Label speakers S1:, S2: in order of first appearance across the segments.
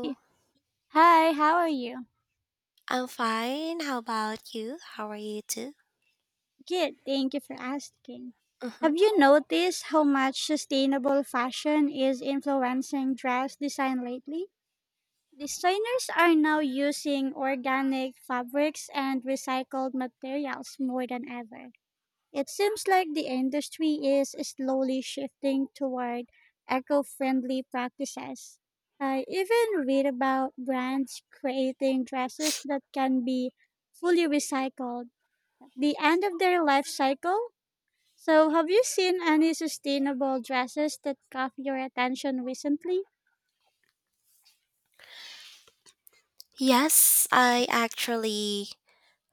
S1: Hey, hi, how are you?
S2: I'm fine. How about you? How are you too?
S1: Good, thank you for asking.
S2: hmm
S1: Have you noticed how much sustainable fashion is influencing dress design lately? Designers are now using organic fabrics and recycled materials more than ever. It seems like the industry is slowly shifting toward eco friendly practices. I even read about brands creating dresses that can be fully recycled the end of their life cycle. So, have you seen any sustainable dresses that caught your attention recently?
S2: Yes, I actually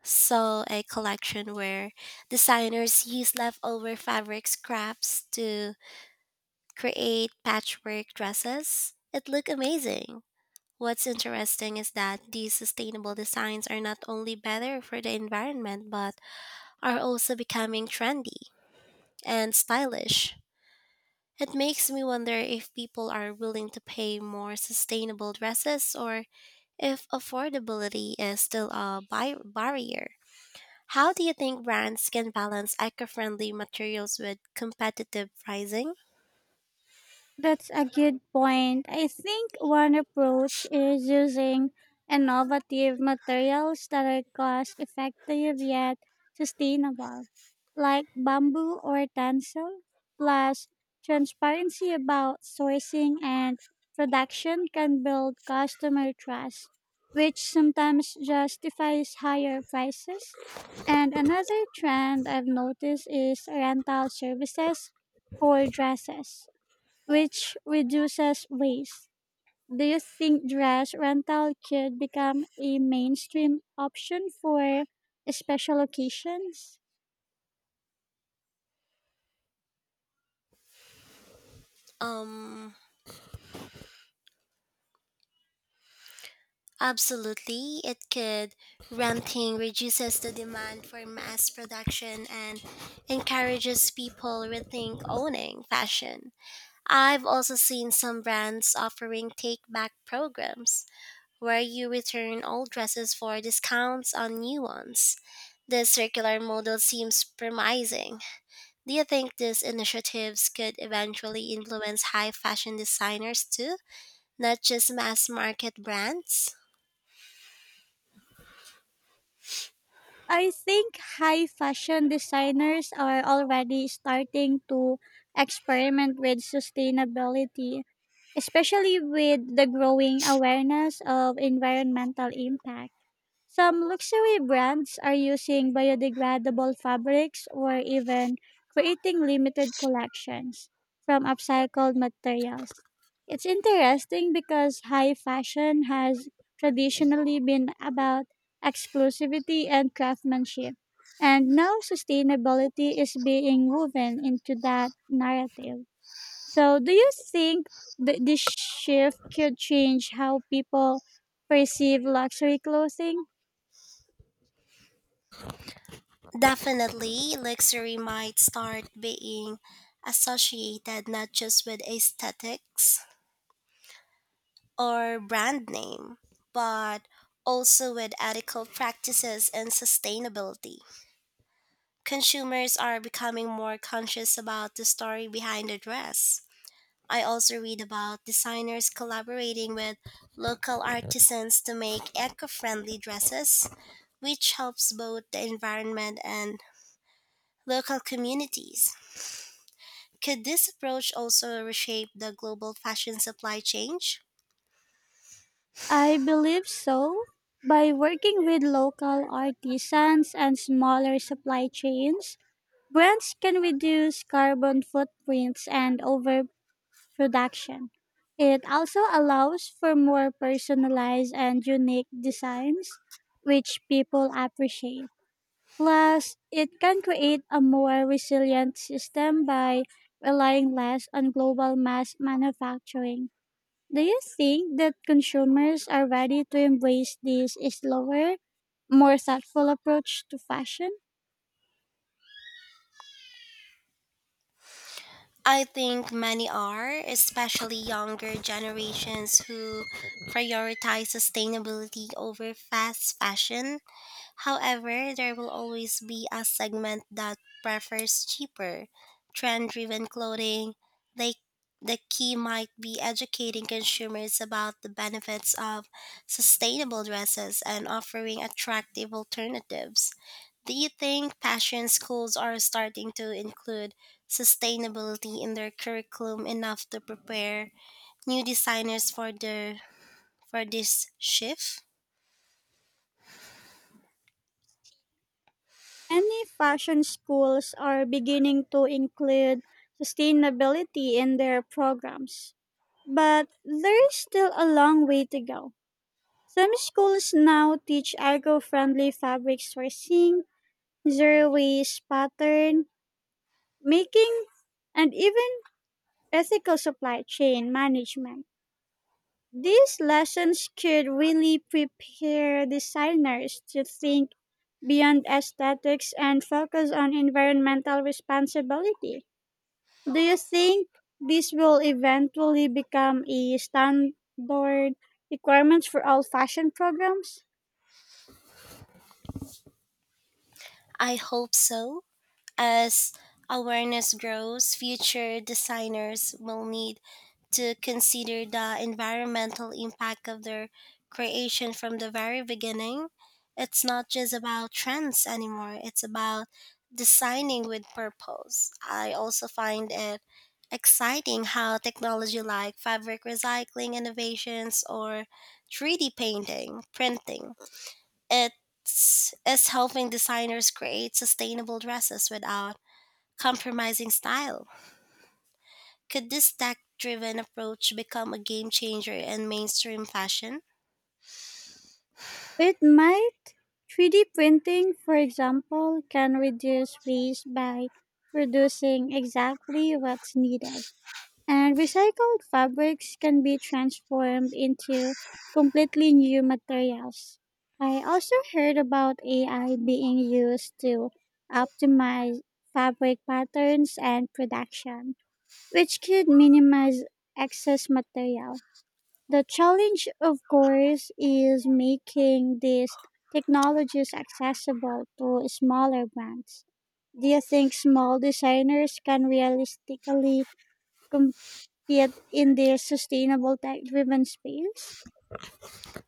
S2: saw a collection where designers use leftover fabric scraps to create patchwork dresses. It looked amazing. What's interesting is that these sustainable designs are not only better for the environment but are also becoming trendy and stylish. It makes me wonder if people are willing to pay more sustainable dresses or if affordability is still a barrier. How do you think brands can balance eco-friendly materials with competitive pricing?
S1: That's a good point. I think one approach is using innovative materials that are cost effective yet sustainable, like bamboo or tencel. Plus, transparency about sourcing and production can build customer trust, which sometimes justifies higher prices. And another trend I've noticed is rental services for dresses which reduces waste. Do you think dress rental could become a mainstream option for special occasions?
S2: Um Absolutely it could renting reduces the demand for mass production and encourages people rethink owning fashion. I've also seen some brands offering take back programs where you return old dresses for discounts on new ones. This circular model seems promising. Do you think these initiatives could eventually influence high fashion designers too, not just mass market brands?
S1: I think high fashion designers are already starting to experiment with sustainability, especially with the growing awareness of environmental impact. Some luxury brands are using biodegradable fabrics or even creating limited collections from upcycled materials. It's interesting because high fashion has traditionally been about exclusivity and craftsmanship, and now sustainability is being woven into that narrative. So, do you think that this shift could change how people perceive luxury clothing?
S2: Definitely, luxury might start being associated not just with aesthetics or brand name, but also with ethical practices and sustainability. Consumers are becoming more conscious about the story behind the dress. I also read about designers collaborating with local artisans to make eco friendly dresses, which helps both the environment and local communities. Could this approach also reshape the global fashion supply chain?
S1: I believe so. By working with local artisans and smaller supply chains, brands can reduce carbon footprints and overproduction. It also allows for more personalized and unique designs, which people appreciate. Plus, it can create a more resilient system by relying less on global mass manufacturing. Do you think that consumers are ready to embrace this slower, more thoughtful approach to fashion?
S2: I think many are, especially younger generations who prioritize sustainability over fast fashion. However, there will always be a segment that prefers cheaper, trend driven clothing. They, the key might be educating consumers about the benefits of sustainable dresses and offering attractive alternatives. Do you think fashion schools are starting to include sustainability in their curriculum enough to prepare new designers for the for this shift?
S1: Many fashion schools are beginning to include sustainability in their programs, but there is still a long way to go. Some schools now teach eco friendly fabric sourcing, zero waste pattern making, and even ethical supply chain management. These lessons could really prepare designers to think beyond aesthetics and focus on environmental responsibility. Do you think this will eventually become a standard requirement for all fashion programs?
S2: I hope so. As awareness grows, future designers will need to consider the environmental impact of their creation from the very beginning. It's not just about trends anymore, it's about designing with purpose. I also find it exciting how technology like fabric recycling innovations or 3D printing, it's is helping designers create sustainable dresses without compromising style. Could this tech driven approach become a game changer in mainstream fashion?
S1: It might. 3D printing, for example, can reduce waste by producing exactly what's needed. And recycled fabrics can be transformed into completely new materials. I also heard about AI being used to optimize fabric patterns and production, which could minimize excess material. The challenge, of course, is making these technologies accessible to smaller brands. Do you think small designers can realistically yet in their sustainable tech-driven space?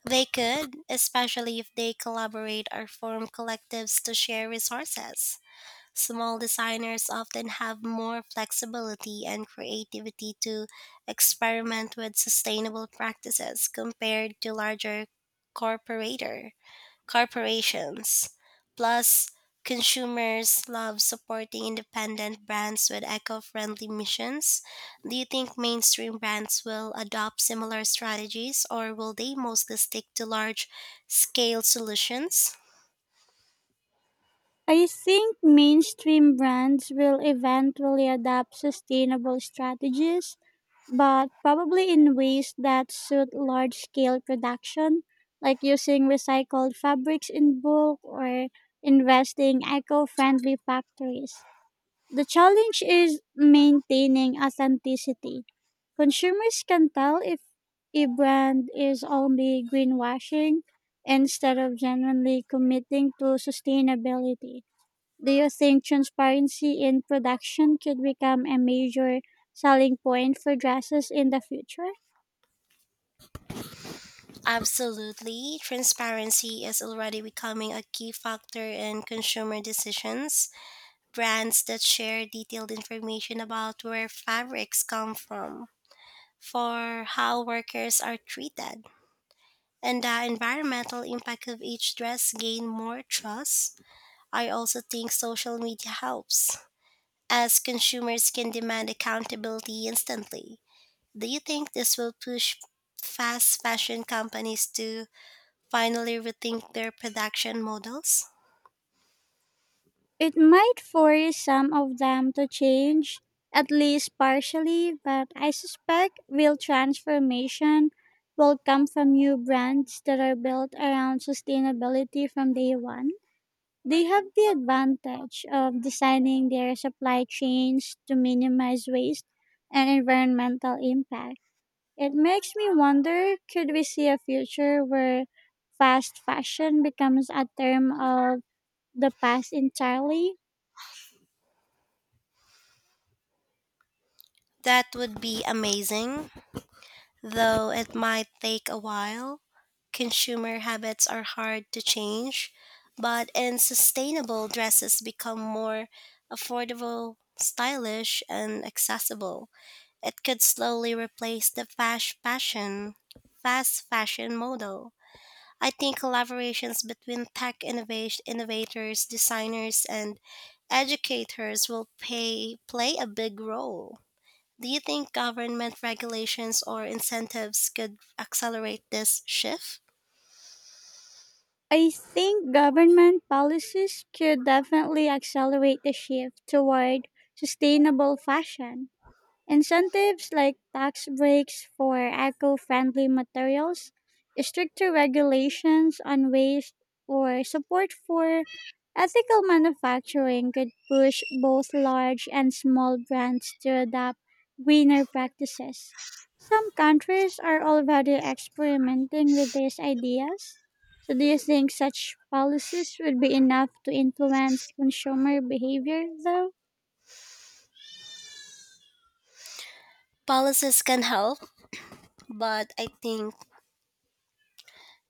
S2: They could, especially if they collaborate or form collectives to share resources. Small designers often have more flexibility and creativity to experiment with sustainable practices compared to larger corporator. Corporations. Plus, consumers love supporting independent brands with eco friendly missions. Do you think mainstream brands will adopt similar strategies or will they mostly stick to large scale solutions?
S1: I think mainstream brands will eventually adopt sustainable strategies, but probably in ways that suit large-scale production, like using recycled fabrics in bulk or investing eco-friendly factories. The challenge is maintaining authenticity. Consumers can tell if a brand is only greenwashing instead of genuinely committing to sustainability. Do you think transparency in production could become a major selling point for dresses in the future?
S2: Absolutely. Transparency is already becoming a key factor in consumer decisions. Brands that share detailed information about where fabrics come from, for how workers are treated, and the environmental impact of each dress gain more trust. I also think social media helps, as consumers can demand accountability instantly. Do you think this will push fast fashion companies to finally rethink their production models?
S1: It might force some of them to change, at least partially, but I suspect real transformation will come from new brands that are built around sustainability from day one. They have the advantage of designing their supply chains to minimize waste and environmental impact. It makes me wonder, could we see a future where fast fashion becomes a term of the past entirely?
S2: That would be amazing, though it might take a while. Consumer habits are hard to change, but in sustainable dresses become more affordable, stylish, and accessible. It could slowly replace the fast fashion model. I think collaborations between innovators, designers, and educators will play a big role. Do you think government regulations or incentives could accelerate this shift?
S1: I think government policies could definitely accelerate the shift toward sustainable fashion. Incentives like tax breaks for eco friendly materials, stricter regulations on waste, or support for ethical manufacturing could push both large and small brands to adopt greener practices. Some countries are already experimenting with these ideas. So, do you think such policies would be enough to influence consumer behavior, though?
S2: Policies can help, but I think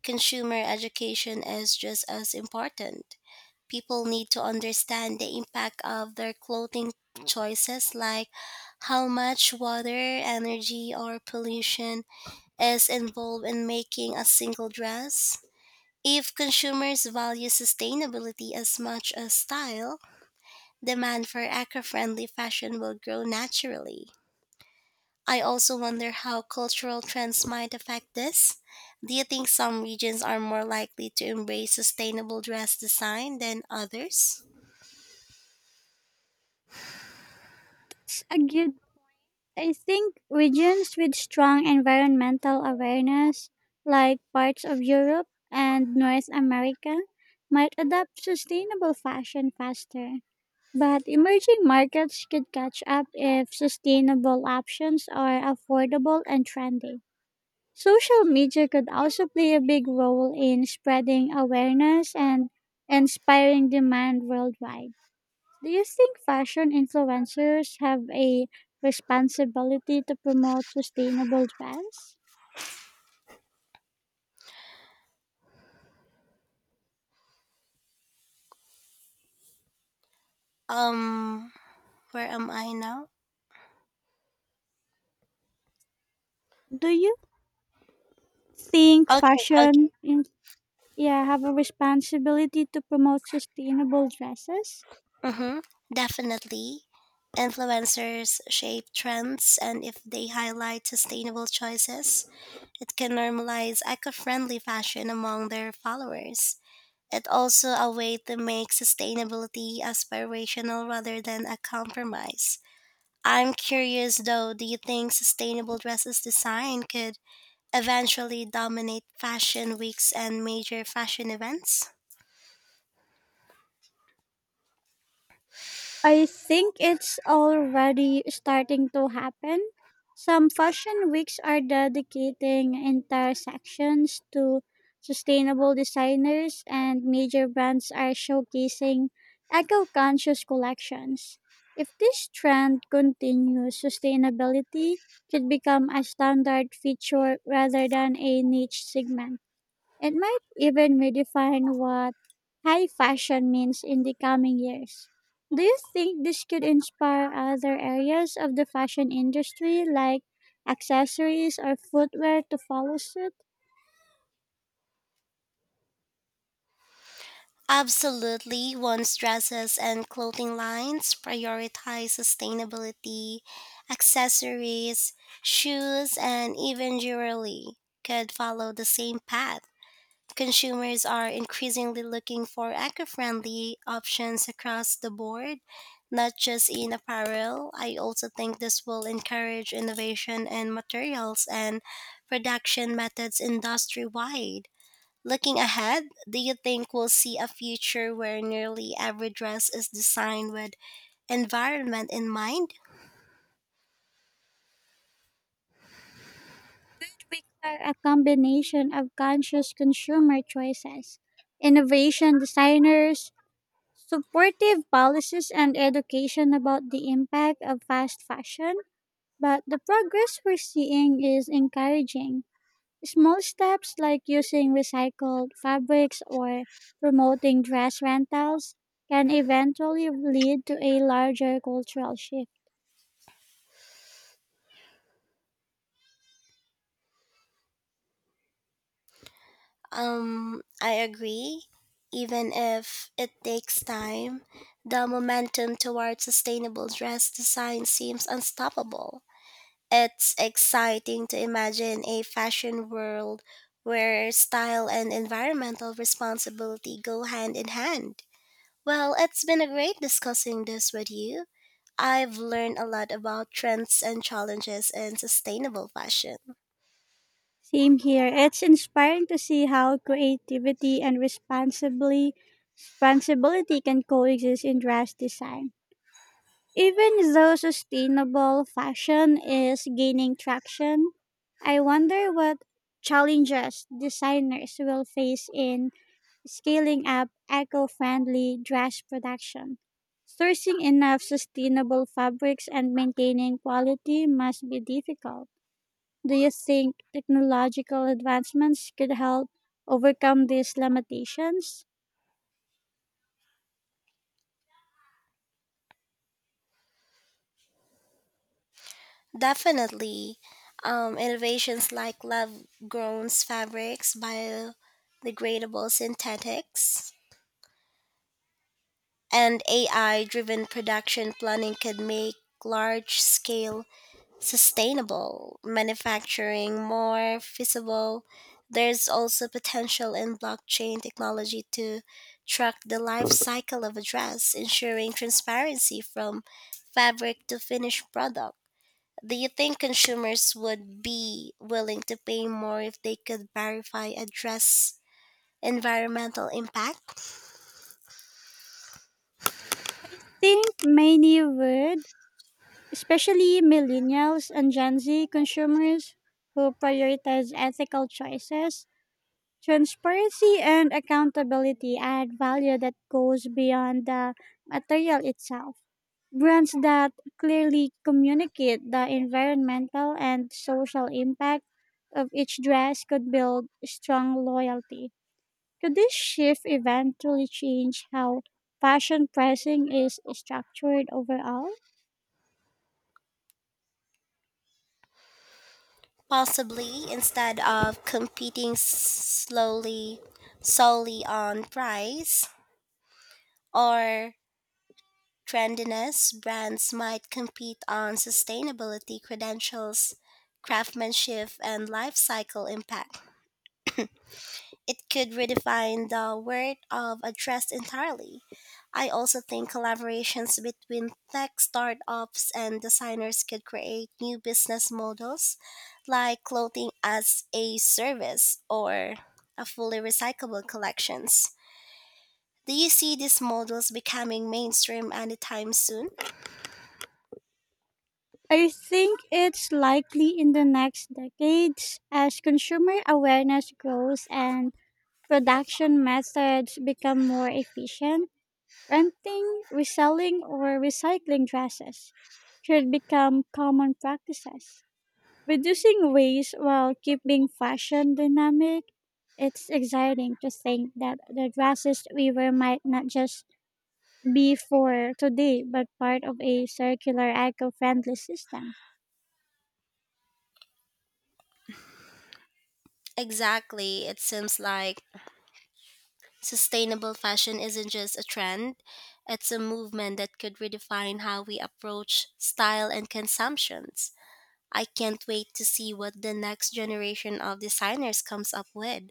S2: consumer education is just as important. People need to understand the impact of their clothing choices, like how much water, energy, or pollution is involved in making a single dress. If consumers value sustainability as much as style, demand for eco friendly fashion will grow naturally. I also wonder how cultural trends might affect this. Do you think some regions are more likely to embrace sustainable dress design than others?
S1: It's a good I think regions with strong environmental awareness, like parts of Europe and North America, might adopt sustainable fashion faster. But emerging markets could catch up if sustainable options are affordable and trendy. Social media could also play a big role in spreading awareness and inspiring demand worldwide. Do you think fashion influencers have a responsibility to promote sustainable dress?
S2: Um, where am I now?
S1: Do you think
S2: Okay, okay.
S1: yeah have a responsibility to promote sustainable dresses?
S2: Mm-hmm. Definitely. Influencers shape trends, and if they highlight sustainable choices, it can normalize eco friendly fashion among their followers. It's also a way to make sustainability aspirational rather than a compromise. I'm curious though, do you think sustainable dresses design could eventually dominate fashion weeks and major fashion events?
S1: I think it's already starting to happen. Some fashion weeks are dedicating entire sections to sustainable designers, and major brands are showcasing eco conscious collections. If this trend continues, sustainability could become a standard feature rather than a niche segment. It might even redefine what high fashion means in the coming years. Do you think this could inspire other areas of the fashion industry like accessories or footwear to follow suit?
S2: Absolutely, once dresses and clothing lines prioritize sustainability, accessories, shoes, and even jewelry could follow the same path. Consumers are increasingly looking for eco friendly options across the board, not just in apparel. I also think this will encourage innovation in materials and production methods industry wide. Looking ahead, do you think we'll see a future where nearly every dress is designed with environment in mind?
S1: It would require a combination of conscious consumer choices, innovation designers, supportive policies, and education about the impact of fast fashion. But the progress we're seeing is encouraging. Small steps like using recycled fabrics or promoting dress rentals can eventually lead to a larger cultural shift.
S2: I agree. Even if it takes time, the momentum toward sustainable dress design seems unstoppable. It's exciting to imagine a fashion world where style and environmental responsibility go hand in hand. Well, it's been a great discussing this with you. I've learned a lot about trends and challenges in sustainable fashion.
S1: Same here. It's inspiring to see how creativity and responsibility can coexist in dress design. Even though sustainable fashion is gaining traction, I wonder what challenges designers will face in scaling up eco friendly dress production. Sourcing enough sustainable fabrics and maintaining quality must be difficult. Do you think technological advancements could help overcome these limitations?
S2: Definitely, innovations like lab grown fabrics, biodegradable synthetics, and AI driven production planning could make large scale sustainable manufacturing more feasible. There's also potential in blockchain technology to track the life cycle of a dress, ensuring transparency from fabric to finished product. Do you think consumers would be willing to pay more if they could verify a dress environmental impact?
S1: Think many would, especially millennials and Gen Z consumers who prioritize ethical choices. Transparency and accountability add value that goes beyond the material itself. Brands that clearly communicate the environmental and social impact of each dress could build strong loyalty. Could this shift eventually change how fashion pricing is structured overall?
S2: Possibly, instead of competing slowly solely on price or trendiness, brands might compete on sustainability credentials, craftsmanship, and life cycle impact. It could redefine the word of address entirely. I also think collaborations between tech startups and designers could create new business models like clothing as a service or a fully recyclable collections. Do you see these models becoming mainstream anytime soon?
S1: I think it's likely in the next decades as consumer awareness grows and production methods become more efficient. Renting, reselling, or recycling dresses should become common practices. Reducing waste while keeping fashion dynamic, it's exciting to think that the dresses we wear might not just be for today, but part of a circular eco friendly system.
S2: Exactly. It seems like sustainable fashion isn't just a trend, it's a movement that could redefine how we approach style and consumptions. I can't wait to see what the next generation of designers comes up with.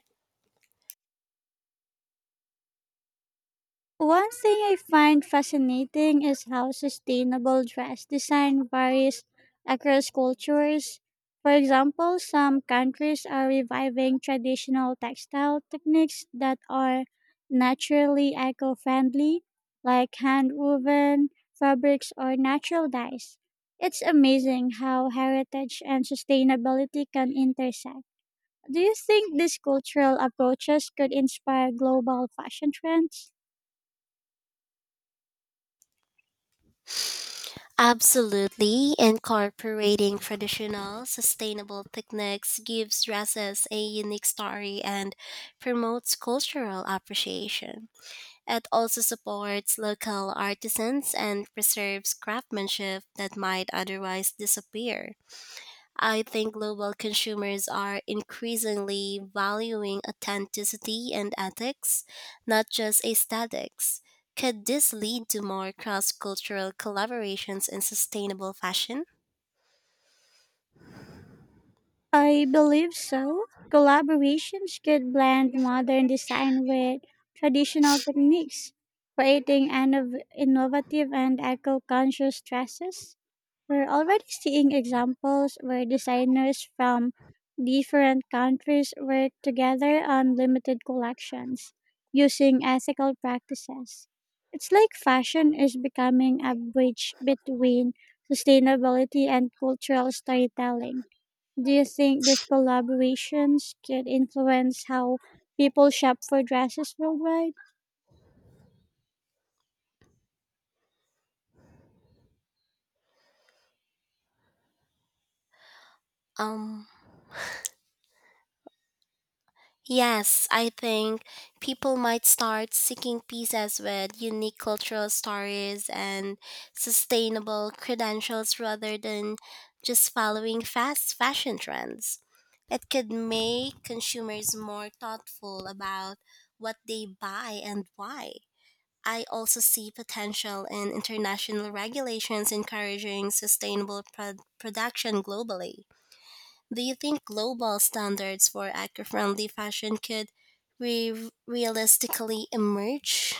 S1: One thing I find fascinating is how sustainable dress design varies across cultures. For example, some countries are reviving traditional textile techniques that are naturally eco friendly, like hand woven fabrics or natural dyes. It's amazing how heritage and sustainability can intersect. Do you think these cultural approaches could inspire global fashion trends?
S2: Absolutely, incorporating traditional, sustainable techniques gives dresses a unique story and promotes cultural appreciation. It also supports local artisans and preserves craftsmanship that might otherwise disappear. I think global consumers are increasingly valuing authenticity and ethics, not just aesthetics. Could this lead to more cross cultural collaborations in sustainable fashion?
S1: I believe so. Collaborations could blend modern design with traditional techniques, creating innovative and eco conscious dresses. We're already seeing examples where designers from different countries work together on limited collections using ethical practices. It's like fashion is becoming a bridge between sustainability and cultural storytelling. Do you think these collaborations could influence how people shop for dresses worldwide?
S2: Um, Yes, I think people might start seeking pieces with unique cultural stories and sustainable credentials rather than just following fast fashion trends. It could make consumers more thoughtful about what they buy and why. I also see potential in international regulations encouraging sustainable production globally. Do you think global standards for eco friendly fashion could realistically emerge?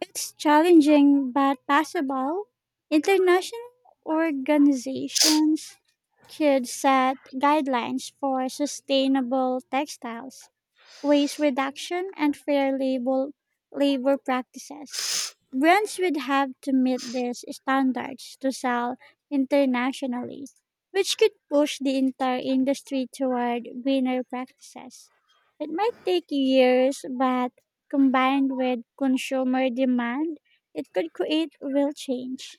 S1: It's challenging but possible. International organizations could set guidelines for sustainable textiles, waste reduction, and fair labor practices. Brands would have to meet these standards to sell internationally, which could push the entire industry toward greener practices. It might take years, but combined with consumer demand, it could create real change.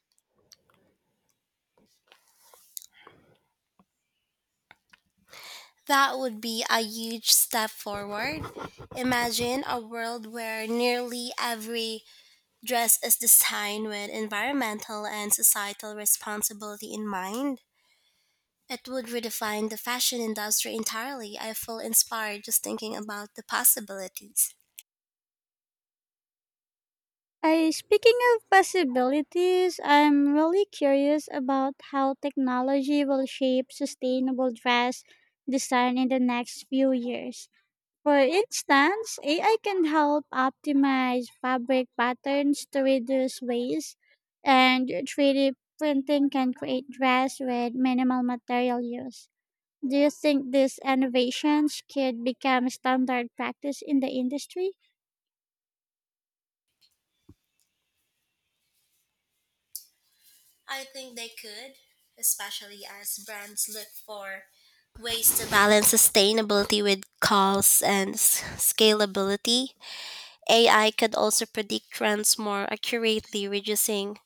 S2: That would be a huge step forward. Imagine a world where nearly every dress is designed with environmental and societal responsibility in mind. It would redefine the fashion industry entirely. I feel inspired just thinking about the possibilities.
S1: Speaking of possibilities, I'm really curious about how technology will shape sustainable dress design in the next few years. For instance, AI can help optimize fabric patterns to reduce waste, and 3D printing can create dress with minimal material use. Do you think these innovations could become standard practice in the industry?
S2: I think they could, especially as brands look for ways to balance sustainability with costs and scalability. AI could also predict trends more accurately, reducing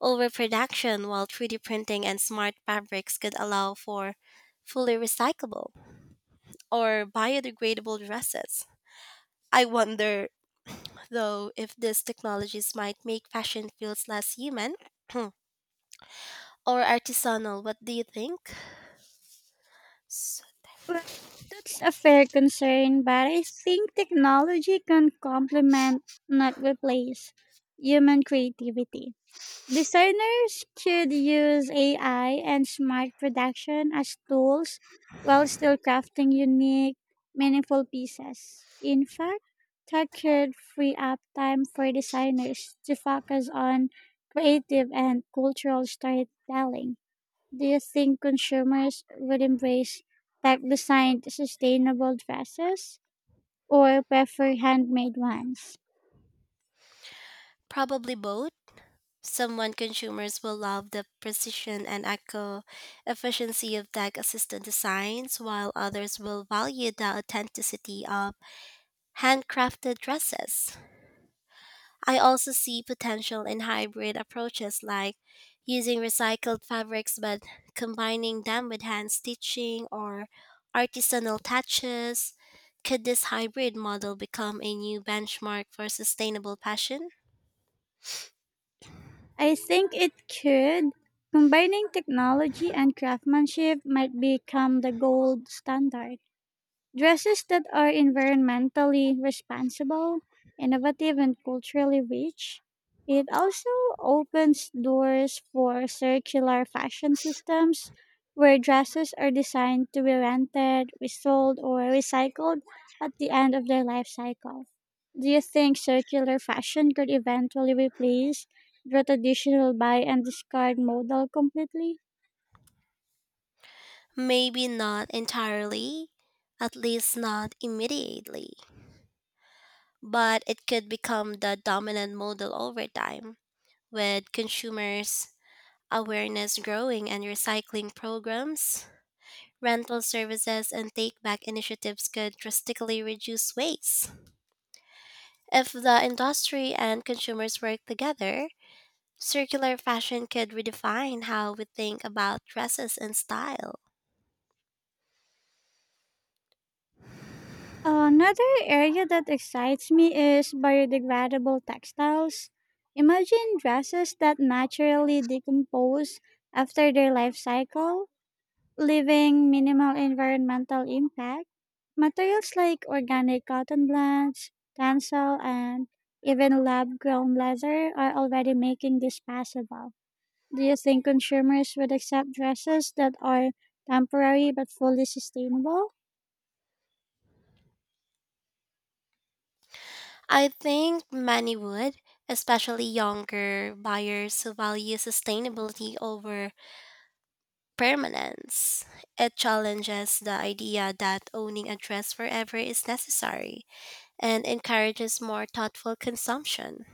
S2: overproduction, while 3D printing and smart fabrics could allow for fully recyclable or biodegradable dresses. I wonder, though, if these technologies might make fashion feels less human or artisanal. What do you think?
S1: Well, that's a fair concern, but I think technology can complement, not replace, human creativity. Designers could use AI and smart production as tools while still crafting unique, meaningful pieces. In fact, tech could free up time for designers to focus on creative and cultural storytelling. Do you think consumers would embrace tech designed sustainable dresses or prefer handmade ones?
S2: Probably both. Some one consumers will love the precision and eco efficiency of tech assisted designs, while others will value the authenticity of handcrafted dresses. I also see potential in hybrid approaches like using recycled fabrics but combining them with hand stitching or artisanal touches. Could this hybrid model become a new benchmark for sustainable fashion?
S1: I think it could. Combining technology and craftsmanship might become the gold standard. Dresses that are environmentally responsible, innovative, and culturally rich. It also opens doors for circular fashion systems where dresses are designed to be rented, resold, or recycled at the end of their life cycle. Do you think circular fashion could eventually replace the traditional buy and discard model completely?
S2: Maybe not entirely, at least not immediately, but it could become the dominant model over time with consumers' awareness growing and recycling programs. Rental services and take back initiatives could drastically reduce waste. If the industry and consumers work together, circular fashion could redefine how we think about dresses and style.
S1: Another area that excites me is biodegradable textiles. Imagine dresses that naturally decompose after their life cycle, leaving minimal environmental impact. Materials like organic cotton blends, tencel, and even lab grown leather are already making this possible. Do you think consumers would accept dresses that are temporary but fully sustainable?
S2: I think many would, especially younger buyers who value sustainability over permanence. It challenges the idea that owning a dress forever is necessary and encourages more thoughtful consumption.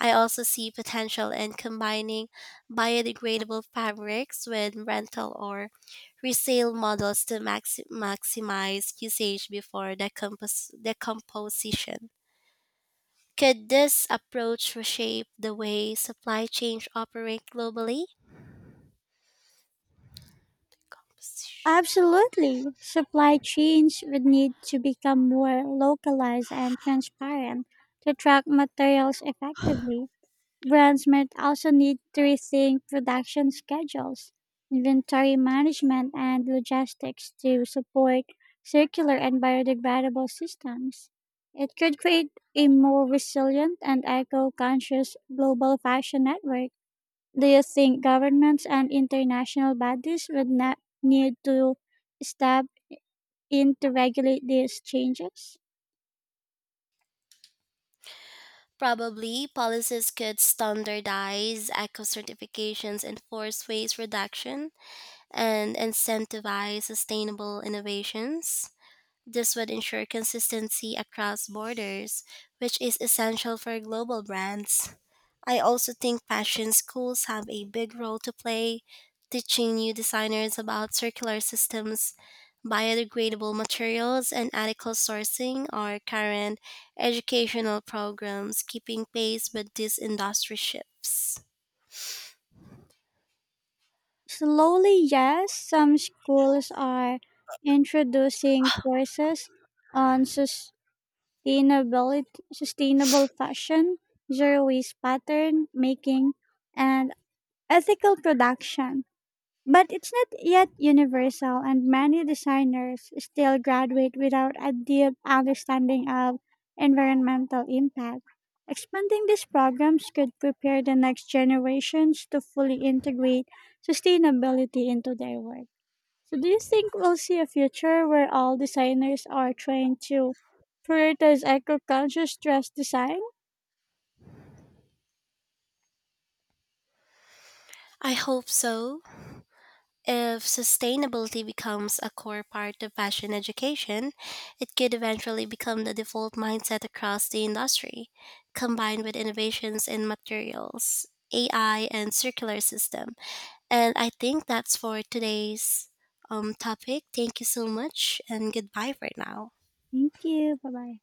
S2: I also see potential in combining biodegradable fabrics with rental or resale models to maximize usage before decomposition. Could this approach reshape the way supply chains operate globally? Composition.
S1: Absolutely. Supply chains would need to become more localized and transparent to track materials effectively. Brands might also need to rethink production schedules, inventory management, and logistics to support circular and biodegradable systems. It could create a more resilient and eco conscious global fashion network. Do you think governments and international bodies would not need to step in to regulate these changes?
S2: Probably, policies could standardize eco certifications, enforce waste reduction, and incentivize sustainable innovations. This would ensure consistency across borders, which is essential for global brands. I also think fashion schools have a big role to play, teaching new designers about circular systems, biodegradable materials, and ethical sourcing are current educational programs keeping pace with these industry shifts.
S1: Slowly, yes, some schools are introducing courses on sustainability, sustainable fashion, zero waste pattern making, and ethical production. But it's not yet universal, and many designers still graduate without a deep understanding of environmental impact. Expanding these programs could prepare the next generations to fully integrate sustainability into their work. So, do you think we'll see a future where all designers are trained to prioritize eco conscious dress design?
S2: I hope so. If sustainability becomes a core part of fashion education, it could eventually become the default mindset across the industry, combined with innovations in materials, AI, and circular system. And I think that's for today's topic. Thank you so much, and goodbye for now.
S1: Thank you. Bye bye.